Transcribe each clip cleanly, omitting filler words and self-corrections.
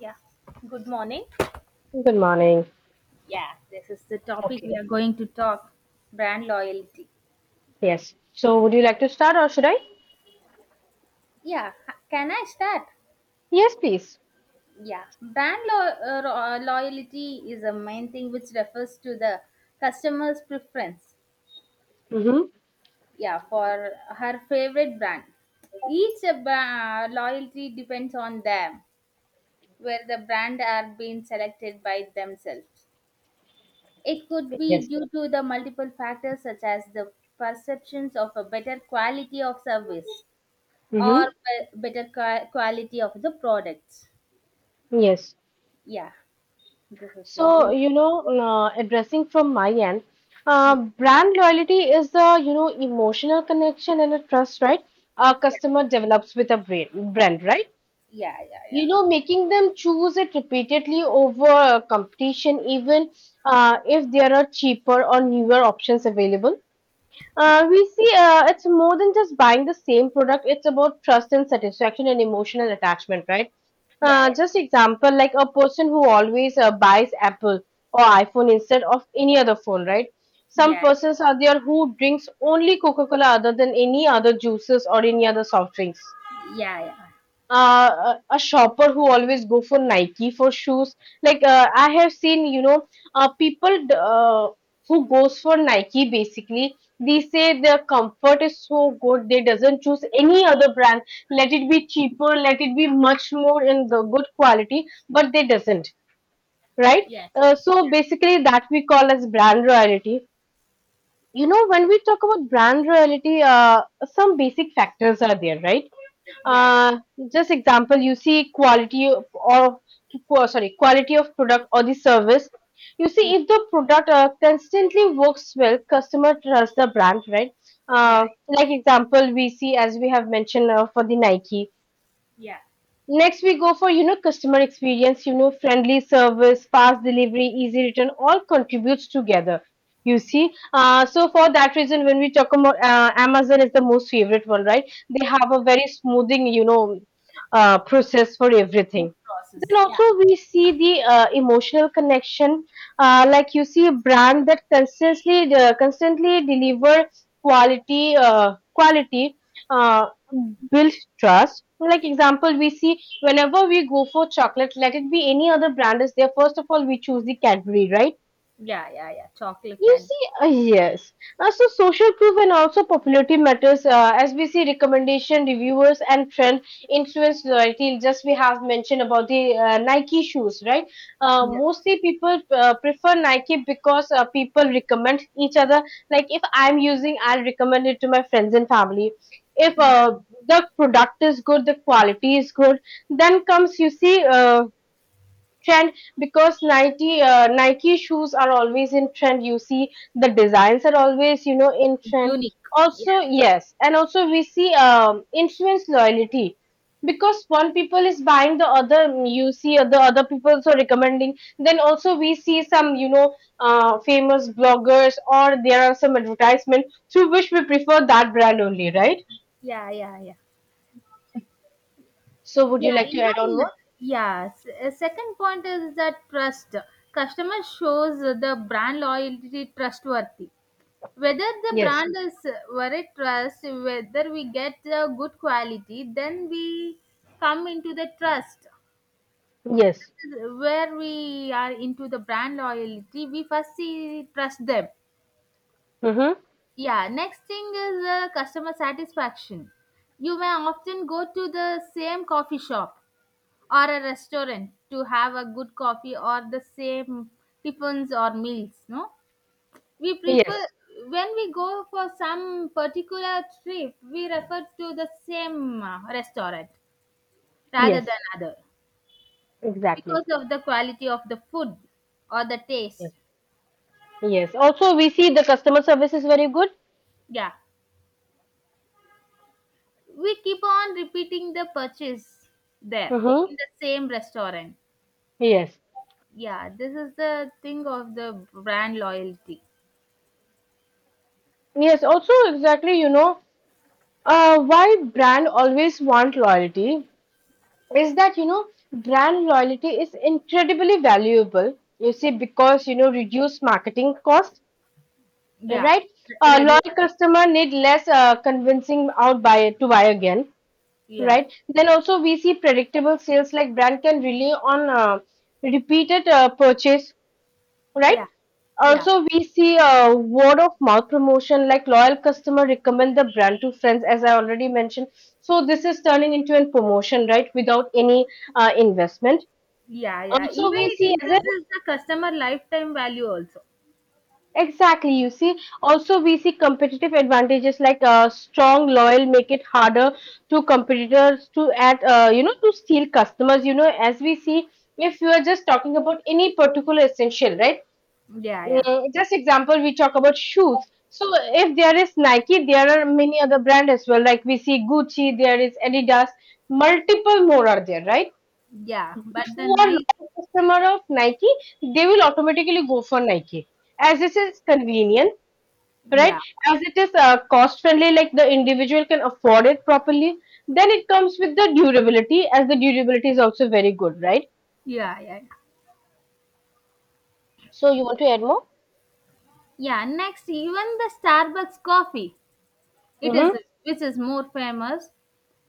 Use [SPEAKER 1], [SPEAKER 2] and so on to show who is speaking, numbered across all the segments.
[SPEAKER 1] Yeah, good morning.
[SPEAKER 2] Good morning.
[SPEAKER 1] Yeah, this is the topic
[SPEAKER 2] Okay.
[SPEAKER 1] we are going to talk brand loyalty.
[SPEAKER 2] Yes. So, would you like to start or should I?
[SPEAKER 1] Yeah, can I start?
[SPEAKER 2] Yes, please.
[SPEAKER 1] Yeah, loyalty is a main thing which refers to the customer's preference.
[SPEAKER 2] Mm-hmm.
[SPEAKER 1] Yeah, for her favorite brand. Each loyalty depends on them, where the brand are being selected by themselves. It could
[SPEAKER 2] Yes.
[SPEAKER 1] be due to the multiple factors such as the perceptions of a better quality of service or
[SPEAKER 2] Mm-hmm.
[SPEAKER 1] better quality of the products.
[SPEAKER 2] Yes.
[SPEAKER 1] Yeah, this is the reason.
[SPEAKER 2] Addressing from my end,
[SPEAKER 1] Yeah,
[SPEAKER 2] brand loyalty is the, emotional connection and a trust, right? A customer develops with a brand, right?
[SPEAKER 1] yeah, yeah,
[SPEAKER 2] Making them choose it repeatedly over competition, even if there are cheaper or newer options available. We see it's more than just buying the same product. It's about trust and satisfaction and emotional attachment, right? Uh,
[SPEAKER 1] yeah,
[SPEAKER 2] just example, like a person who always buys Apple or iPhone instead of any other phone, right? Some
[SPEAKER 1] yeah, yeah,
[SPEAKER 2] persons are there who drinks only Coca-Cola other than any other juices or any other soft drinks,
[SPEAKER 1] yeah, yeah, yeah,
[SPEAKER 2] a shopper who always go for Nike for shoes. I have seen, people who goes for Nike basically. They say their comfort is so good. They doesn't choose any other brand. Let it be cheaper. Let it be much more in the good quality. But they doesn't, right?
[SPEAKER 1] yes,
[SPEAKER 2] So
[SPEAKER 1] yeah,
[SPEAKER 2] basically, that we call as brand royalty. When we talk about brand loyalty, some basic factors are there, right?
[SPEAKER 1] yeah, yeah,
[SPEAKER 2] Uh, just example, you see, quality of- or, sorry, quality of product or the service. You see,
[SPEAKER 1] yeah,
[SPEAKER 2] if the product constantly works well, customer trusts the brand, right?
[SPEAKER 1] yeah,
[SPEAKER 2] Like example, we see, as we have mentioned, for the Nike.
[SPEAKER 1] yeah,
[SPEAKER 2] Next, we go for, customer experience, friendly service, fast delivery, easy return, all contributes together. You
[SPEAKER 1] yeah.
[SPEAKER 2] see, so for that reason, when we talk about, Amazon is the most favorite one, right? They have a very smoothing, process for
[SPEAKER 1] Food
[SPEAKER 2] everything. Then
[SPEAKER 1] process. Yeah,
[SPEAKER 2] also we see the emotional connection, like you see a brand that constantly deliver quality uh, build trust. Like example, we see whenever we go for chocolate, let it be any other brand is there. First of all, we choose the Cadbury, right?
[SPEAKER 1] yeah, yeah, yeah. Chocolate
[SPEAKER 2] You
[SPEAKER 1] and
[SPEAKER 2] see, uh, yes. So social proof and also popularity matters. As we see, recommendation, reviewers, and trend influence loyalty. Just we have mentioned about the Nike shoes, right? Uh,
[SPEAKER 1] yeah,
[SPEAKER 2] mostly people prefer Nike because people recommend each other. Like if I'm using, I'll recommend it to my friends and family. If
[SPEAKER 1] yeah,
[SPEAKER 2] uh, the product is good, the quality is good, then comes, you see. Trend because Nike shoes are always in trend. You see, the designs are always, in trend.
[SPEAKER 1] unique. Yeah,
[SPEAKER 2] Also yes, and also we see influence loyalty because one people is buying, the other, you see, the other people also recommending. Then also we see some, famous bloggers, or there are some advertisement through which we prefer that brand only, right?
[SPEAKER 1] yeah, yeah, yeah.
[SPEAKER 2] So would you
[SPEAKER 1] Yeah,
[SPEAKER 2] like to add on
[SPEAKER 1] even
[SPEAKER 2] more?
[SPEAKER 1] yes. A second point is that trust. Customer shows the brand loyalty trustworthy. Whether the
[SPEAKER 2] Yes.
[SPEAKER 1] brand is worth trust, whether we get the good quality, then we come into the trust.
[SPEAKER 2] Yes.
[SPEAKER 1] Where we are into the brand loyalty, we first see trust them.
[SPEAKER 2] Mm-hmm.
[SPEAKER 1] Yeah, next thing is customer satisfaction. You may often go to the same coffee shop or a restaurant to have a good coffee or the same tiffins or meals no we prefer
[SPEAKER 2] Yes.
[SPEAKER 1] when we go for some particular trip we refer to the same restaurant rather
[SPEAKER 2] Yes.
[SPEAKER 1] than other
[SPEAKER 2] Exactly.
[SPEAKER 1] because of the quality of the food or the
[SPEAKER 2] Yes.
[SPEAKER 1] taste.
[SPEAKER 2] Yes. Also, we see the customer service is very good.
[SPEAKER 1] Yeah, we keep on repeating the purchase there
[SPEAKER 2] Mm-hmm.
[SPEAKER 1] in the same restaurant.
[SPEAKER 2] Yes.
[SPEAKER 1] Yeah, this is the thing of the brand loyalty.
[SPEAKER 2] Yes. Also, exactly, why brand always want loyalty is that, brand loyalty is incredibly valuable. You see, because, reduce marketing cost,
[SPEAKER 1] Yeah,
[SPEAKER 2] right? A
[SPEAKER 1] reduce.
[SPEAKER 2] loyal customer need less convincing out buy to buy again,
[SPEAKER 1] Yeah.
[SPEAKER 2] right? Then also we see predictable sales, like brand can rely on repeated purchase, right?
[SPEAKER 1] Yeah. Yeah.
[SPEAKER 2] Also, we see a word of mouth promotion, like loyal customer recommend the brand to friends, as I already mentioned. So this is turning into a promotion, right, without any investment.
[SPEAKER 1] Yeah. Yeah.
[SPEAKER 2] Also,
[SPEAKER 1] Even
[SPEAKER 2] we
[SPEAKER 1] it
[SPEAKER 2] see as a
[SPEAKER 1] increases the customer lifetime value also.
[SPEAKER 2] exactly, you see. Also, we see competitive advantages, like strong loyal make it harder to competitors to add, to steal customers. You know, as we see, if you are just talking about any particular essential, right?
[SPEAKER 1] Yeah. Yeah.
[SPEAKER 2] Just example, we talk about shoes. So if there is Nike, there are many other brand as well. Like, we see Gucci, there is Adidas, multiple more are there, right?
[SPEAKER 1] Yeah.
[SPEAKER 2] But
[SPEAKER 1] But the
[SPEAKER 2] who are
[SPEAKER 1] night.
[SPEAKER 2] loyal customer of Nike, they will automatically go for Nike, as it is convenient, right?
[SPEAKER 1] Yeah.
[SPEAKER 2] As it is cost friendly, like the individual can afford it properly. Then it comes with the durability, as the durability is also very good, right?
[SPEAKER 1] Yeah. Yeah. Yeah.
[SPEAKER 2] So you want to add more?
[SPEAKER 1] Yeah, next, even the Starbucks coffee, it is
[SPEAKER 2] Mm-hmm.
[SPEAKER 1] which is more famous.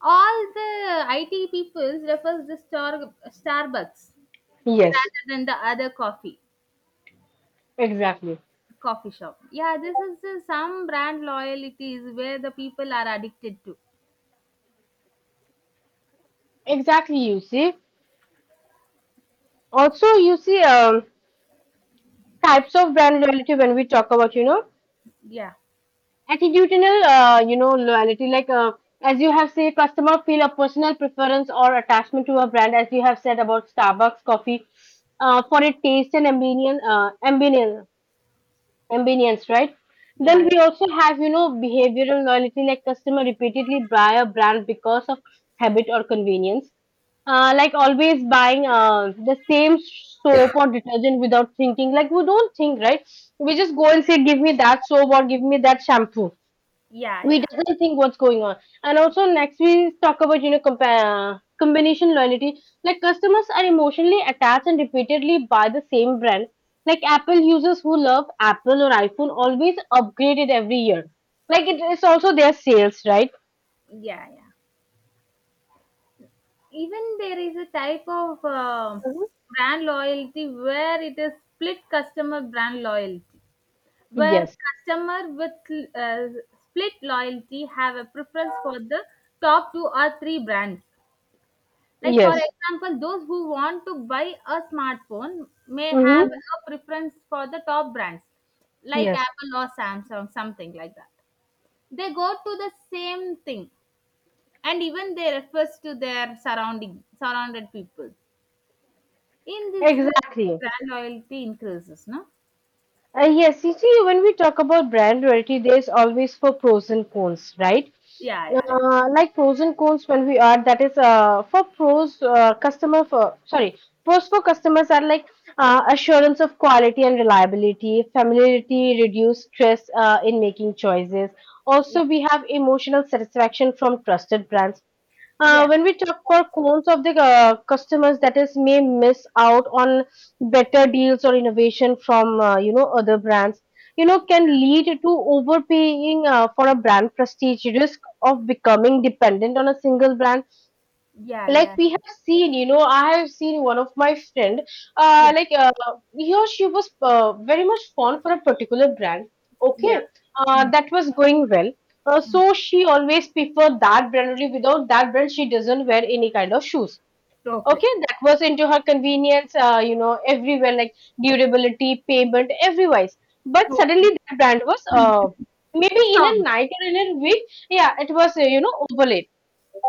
[SPEAKER 1] All the IT people refers the Starbucks
[SPEAKER 2] Yes,
[SPEAKER 1] rather than the other
[SPEAKER 2] exactly.
[SPEAKER 1] coffee shop. Yeah, this is the, some brand loyalties where the people are addicted to.
[SPEAKER 2] Exactly, you see. Also, you see, types of brand loyalty, when we talk about,
[SPEAKER 1] Yeah.
[SPEAKER 2] attitudinal, loyalty, as you have said, customer feel a personal preference or attachment to a brand, as you have said about Starbucks coffee, for its taste and ambience, convenience, right? Then
[SPEAKER 1] Yeah.
[SPEAKER 2] we also have, behavioral loyalty, like customer repeatedly buy a brand because of habit or convenience. Like always buying the same soap or detergent without thinking. Like we don't think, right? We just go and say, give me that soap or give me that shampoo.
[SPEAKER 1] Yeah. Yeah,
[SPEAKER 2] We
[SPEAKER 1] yeah,
[SPEAKER 2] doesn't think what's going on. And also next we talk about, combination loyalty, like customers are emotionally attached and repeatedly buy the same brand. Like Apple users who love Apple or iPhone always upgrade it every year. Like it is also their sales, right?
[SPEAKER 1] yeah, yeah. Even there is a type of
[SPEAKER 2] Mhm.
[SPEAKER 1] brand loyalty where it is split customer brand loyalty where
[SPEAKER 2] Yes.
[SPEAKER 1] customer with uh, split loyalty have a preference for the top two or three brands, like for, mm,
[SPEAKER 2] Yes.
[SPEAKER 1] example, those who want to buy a smartphone may have,
[SPEAKER 2] Hmm.
[SPEAKER 1] mm, a preference for the top brands like
[SPEAKER 2] Yes.
[SPEAKER 1] Apple or Samsung, something like that. They go to the same thing, and even they refers to their surrounding surrounded people. In this way, the
[SPEAKER 2] Exactly.
[SPEAKER 1] brand loyalty increases, no?
[SPEAKER 2] Yes, you see, when we talk about brand loyalty, there's always for pros and cons, right?
[SPEAKER 1] Yeah, yeah,
[SPEAKER 2] Like pros and cons, when we are, that is, for pros, customer for sorry pros for customers are like assurance of quality and reliability, familiarity, reduce stress in making choices.
[SPEAKER 1] yeah.
[SPEAKER 2] Also we have emotional satisfaction from trusted brands.
[SPEAKER 1] Yeah,
[SPEAKER 2] When we talk for cons of the customers, that is may miss out on better deals or innovation from, other brands. You know, can lead to overpaying for a brand prestige, risk of becoming dependent on a single brand.
[SPEAKER 1] yeah,
[SPEAKER 2] Like
[SPEAKER 1] yeah,
[SPEAKER 2] we have seen, I have seen one of my friend, uh
[SPEAKER 1] yeah,
[SPEAKER 2] like uh, he or she was very much fond for a particular brand.
[SPEAKER 1] yeah.
[SPEAKER 2] Okay.
[SPEAKER 1] Yeah. Hmm.
[SPEAKER 2] That was going well. uh,
[SPEAKER 1] Hmm.
[SPEAKER 2] so she always preferred that brand only. Without that brand she doesn't wear any kind of shoes.
[SPEAKER 1] Okay.
[SPEAKER 2] Okay, that was into her convenience, everywhere, like durability, payment, everywise. But
[SPEAKER 1] Oh,
[SPEAKER 2] suddenly that brand was maybe in
[SPEAKER 1] stop.
[SPEAKER 2] a night or in a week, yeah, it was, overlaid.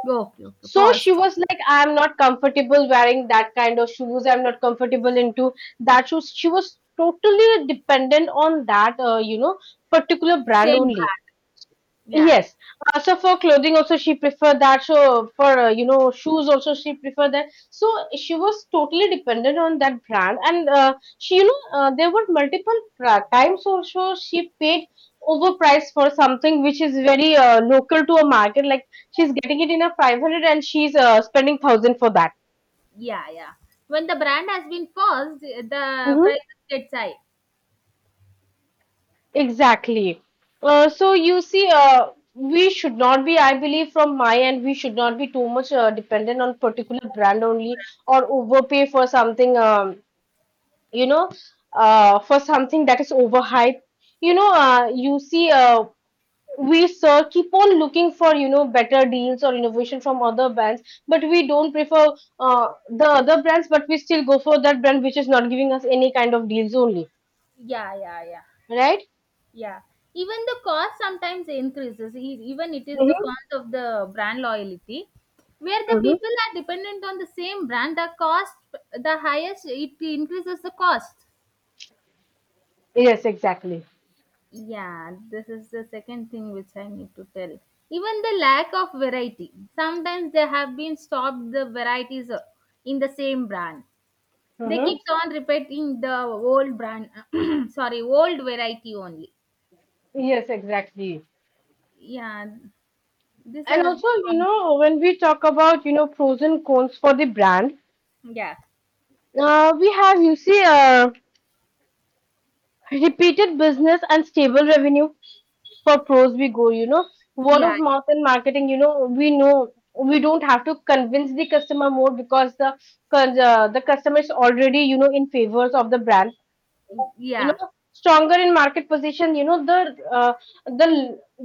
[SPEAKER 1] Okay, okay.
[SPEAKER 2] So she
[SPEAKER 1] Paused.
[SPEAKER 2] was like, I'm not comfortable wearing that kind of shoes, I'm not comfortable into that shoes. She was totally dependent on that, particular brand
[SPEAKER 1] Same
[SPEAKER 2] only.
[SPEAKER 1] brand. Yeah, yeah.
[SPEAKER 2] Yes. So for clothing also she preferred that. So for, shoes also she preferred that. So she was totally dependent on that brand, and she, there were multiple times also she paid overpriced for something which is very local to a market. Like she's getting it in a 500, and she's spending thousand for that.
[SPEAKER 1] Yeah, yeah. When the brand has been paused, the
[SPEAKER 2] Mm-hmm.
[SPEAKER 1] prices gets high.
[SPEAKER 2] Exactly. So you see, we should not be, I believe, from my end, we should not be too much dependent on particular brand only, or overpay for something, you know, for something that is overhyped. You know, uh, you see, uh, we sir keep on looking for, better deals or innovation from other brands, but we don't prefer the other brands, but we still go for that brand which is not giving us any kind of deals only,
[SPEAKER 1] Yeah, yeah, yeah.
[SPEAKER 2] right?
[SPEAKER 1] Yeah. Even the cost sometimes increases. Even it is the
[SPEAKER 2] Mm-hmm.
[SPEAKER 1] cost of the brand loyalty, where the
[SPEAKER 2] Mm-hmm.
[SPEAKER 1] people are dependent on the same brand. The cost, the highest, it increases the cost.
[SPEAKER 2] Yes, exactly.
[SPEAKER 1] Yeah, this is the second thing which I need to tell. Even the lack of variety. Sometimes they have been stopped the varieties in the same brand. They
[SPEAKER 2] Mm-hmm.
[SPEAKER 1] keeps on repeating the old brand, sorry, old variety only.
[SPEAKER 2] Yes, exactly.
[SPEAKER 1] Yeah, these
[SPEAKER 2] And
[SPEAKER 1] are the
[SPEAKER 2] also,
[SPEAKER 1] cons-
[SPEAKER 2] when we talk about, frozen cones for the brand,
[SPEAKER 1] yeah.
[SPEAKER 2] we have, you see, repeated business and stable revenue. For pros we go, word
[SPEAKER 1] Yeah,
[SPEAKER 2] of mouth and marketing, we know we don't have to convince the customer more because the the customer is already, in favors of the brand. You
[SPEAKER 1] yeah,
[SPEAKER 2] know, stronger in market position, uh, the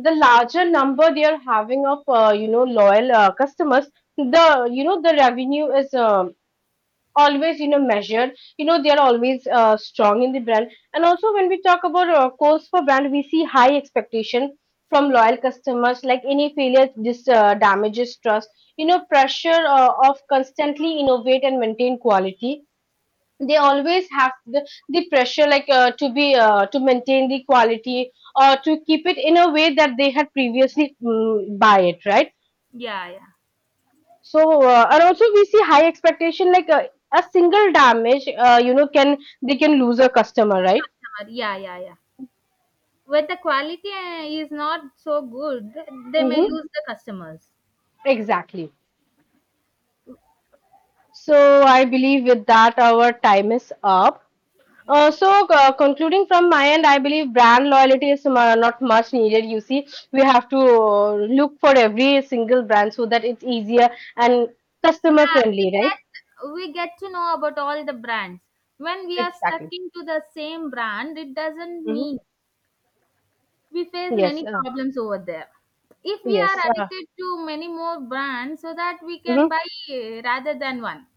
[SPEAKER 2] the larger number they are having of, loyal customers. The, the revenue is, always, measured. You know, they are always strong in the brand. And also when we talk about calls for brand, we see high expectation from loyal customers, like any failure, this damages trust. You know, pressure of constantly innovate and maintain quality. They always have the pressure, like, to maintain the quality, or to keep it in a way that they had previously buy it, right?
[SPEAKER 1] yeah, yeah,
[SPEAKER 2] So, and also we see high expectation, like, a single damage, can they can lose a customer, right?
[SPEAKER 1] yeah, yeah, yeah. When the quality is not so good, they may
[SPEAKER 2] Mm-hmm.
[SPEAKER 1] lose the customers.
[SPEAKER 2] Exactly. So I believe with that our time is up. Concluding from my end, I believe brand loyalty is not much needed. You see, we have to look for every single brand so that it's easier and
[SPEAKER 1] Yeah,
[SPEAKER 2] customer friendly,
[SPEAKER 1] we
[SPEAKER 2] right?
[SPEAKER 1] get, we get to know about all the brands. When we are stuck
[SPEAKER 2] Exactly.
[SPEAKER 1] into the same brand, it doesn't
[SPEAKER 2] Hmm.
[SPEAKER 1] mean we face
[SPEAKER 2] Yes.
[SPEAKER 1] many problems over there. If we are
[SPEAKER 2] Yes.
[SPEAKER 1] addicted to many more brands, so that we
[SPEAKER 2] Hmm.
[SPEAKER 1] can buy rather than one.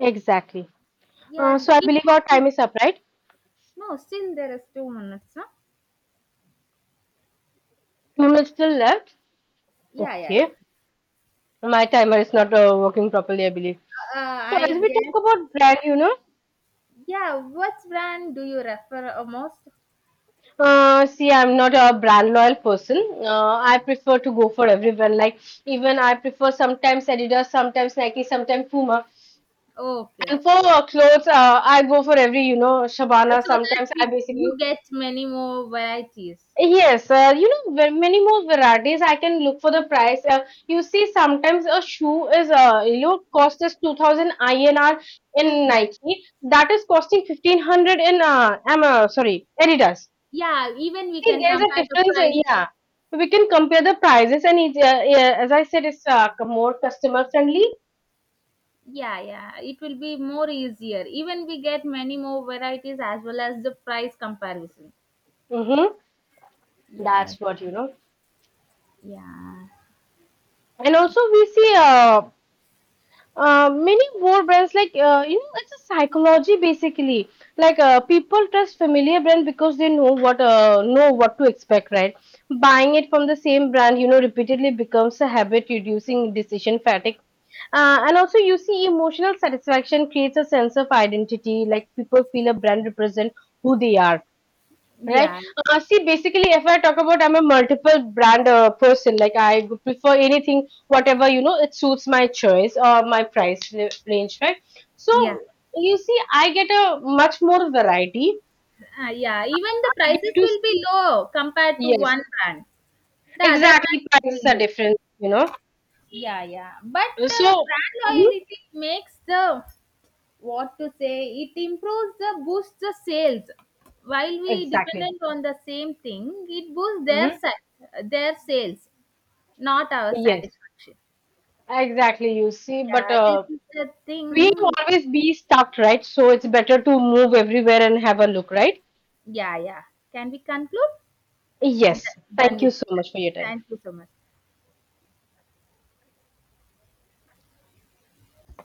[SPEAKER 2] Exactly.
[SPEAKER 1] Yeah,
[SPEAKER 2] So, I
[SPEAKER 1] it
[SPEAKER 2] believe our
[SPEAKER 1] won't be.
[SPEAKER 2] time is up, right?
[SPEAKER 1] No, still there is 2 minutes, no?
[SPEAKER 2] 2 minutes still left.
[SPEAKER 1] Yeah, yeah, yeah.
[SPEAKER 2] Okay. My timer is not working properly, I believe. So, as
[SPEAKER 1] I
[SPEAKER 2] we talk
[SPEAKER 1] guess.
[SPEAKER 2] about brand, you know,
[SPEAKER 1] Yeah, what brand do you refer most?
[SPEAKER 2] Uh, see, I'm not a brand loyal person. I prefer to go for everyone. Like even I prefer sometimes Adidas, sometimes Nike, sometimes Puma.
[SPEAKER 1] Oh, okay, so
[SPEAKER 2] And for clothes, I go for every, Shabana.
[SPEAKER 1] that
[SPEAKER 2] Sometimes I
[SPEAKER 1] we
[SPEAKER 2] basically
[SPEAKER 1] you get many more varieties.
[SPEAKER 2] yes, many more varieties. I can look for the price. You see, sometimes a shoe is, cost is 2,000 INR in Nike. That is costing 1,500 in am sorry Adidas.
[SPEAKER 1] Yeah, even we
[SPEAKER 2] See,
[SPEAKER 1] can
[SPEAKER 2] there's a
[SPEAKER 1] compare the
[SPEAKER 2] difference.
[SPEAKER 1] prices.
[SPEAKER 2] Yeah, we can compare the prices, and it's, yeah, as I said, it's more customer friendly.
[SPEAKER 1] Yeah, yeah, it will be more easier. Even we get many more varieties as well as the price comparison.
[SPEAKER 2] Mm-hmm.
[SPEAKER 1] Yeah,
[SPEAKER 2] That's what you know.
[SPEAKER 1] yeah,
[SPEAKER 2] And also, we see, many more brands, like, you know, it's a psychology basically, like people trust familiar brand because they know what to expect, right? Buying it from the same brand, repeatedly becomes a habit reducing decision fatigue. And also you see emotional satisfaction creates a sense of identity, like people feel a brand represent who they are. Right.
[SPEAKER 1] yeah,
[SPEAKER 2] See, basically, if I talk about, I'm a multiple brand person. Like, I prefer anything, whatever, it suits my choice or my price range, right? So,
[SPEAKER 1] yeah,
[SPEAKER 2] you see, I get a much more variety.
[SPEAKER 1] yeah. Even the
[SPEAKER 2] I get
[SPEAKER 1] prices
[SPEAKER 2] to,
[SPEAKER 1] will be low compared to
[SPEAKER 2] yes,
[SPEAKER 1] one brand. The other brand
[SPEAKER 2] exactly.
[SPEAKER 1] will
[SPEAKER 2] Prices
[SPEAKER 1] be
[SPEAKER 2] are
[SPEAKER 1] low.
[SPEAKER 2] different, you know.
[SPEAKER 1] Yeah, yeah. But
[SPEAKER 2] So,
[SPEAKER 1] brand
[SPEAKER 2] mhm,
[SPEAKER 1] loyalty makes the, what to say, it improves the boosts the sales while we
[SPEAKER 2] exactly.
[SPEAKER 1] dependent on the same thing. It boosts their
[SPEAKER 2] Hmm.
[SPEAKER 1] their sales, not our
[SPEAKER 2] Yes,
[SPEAKER 1] satisfaction.
[SPEAKER 2] exactly. You see, but
[SPEAKER 1] Yeah, this is the
[SPEAKER 2] we
[SPEAKER 1] thing.
[SPEAKER 2] always be stuck, right? So, it's better to move everywhere and have a look, right?
[SPEAKER 1] Yeah, yeah, can we conclude? D-
[SPEAKER 2] Yes.
[SPEAKER 1] Done
[SPEAKER 2] Thank you
[SPEAKER 1] with
[SPEAKER 2] so
[SPEAKER 1] this.
[SPEAKER 2] much for your time.
[SPEAKER 1] Thank you so much.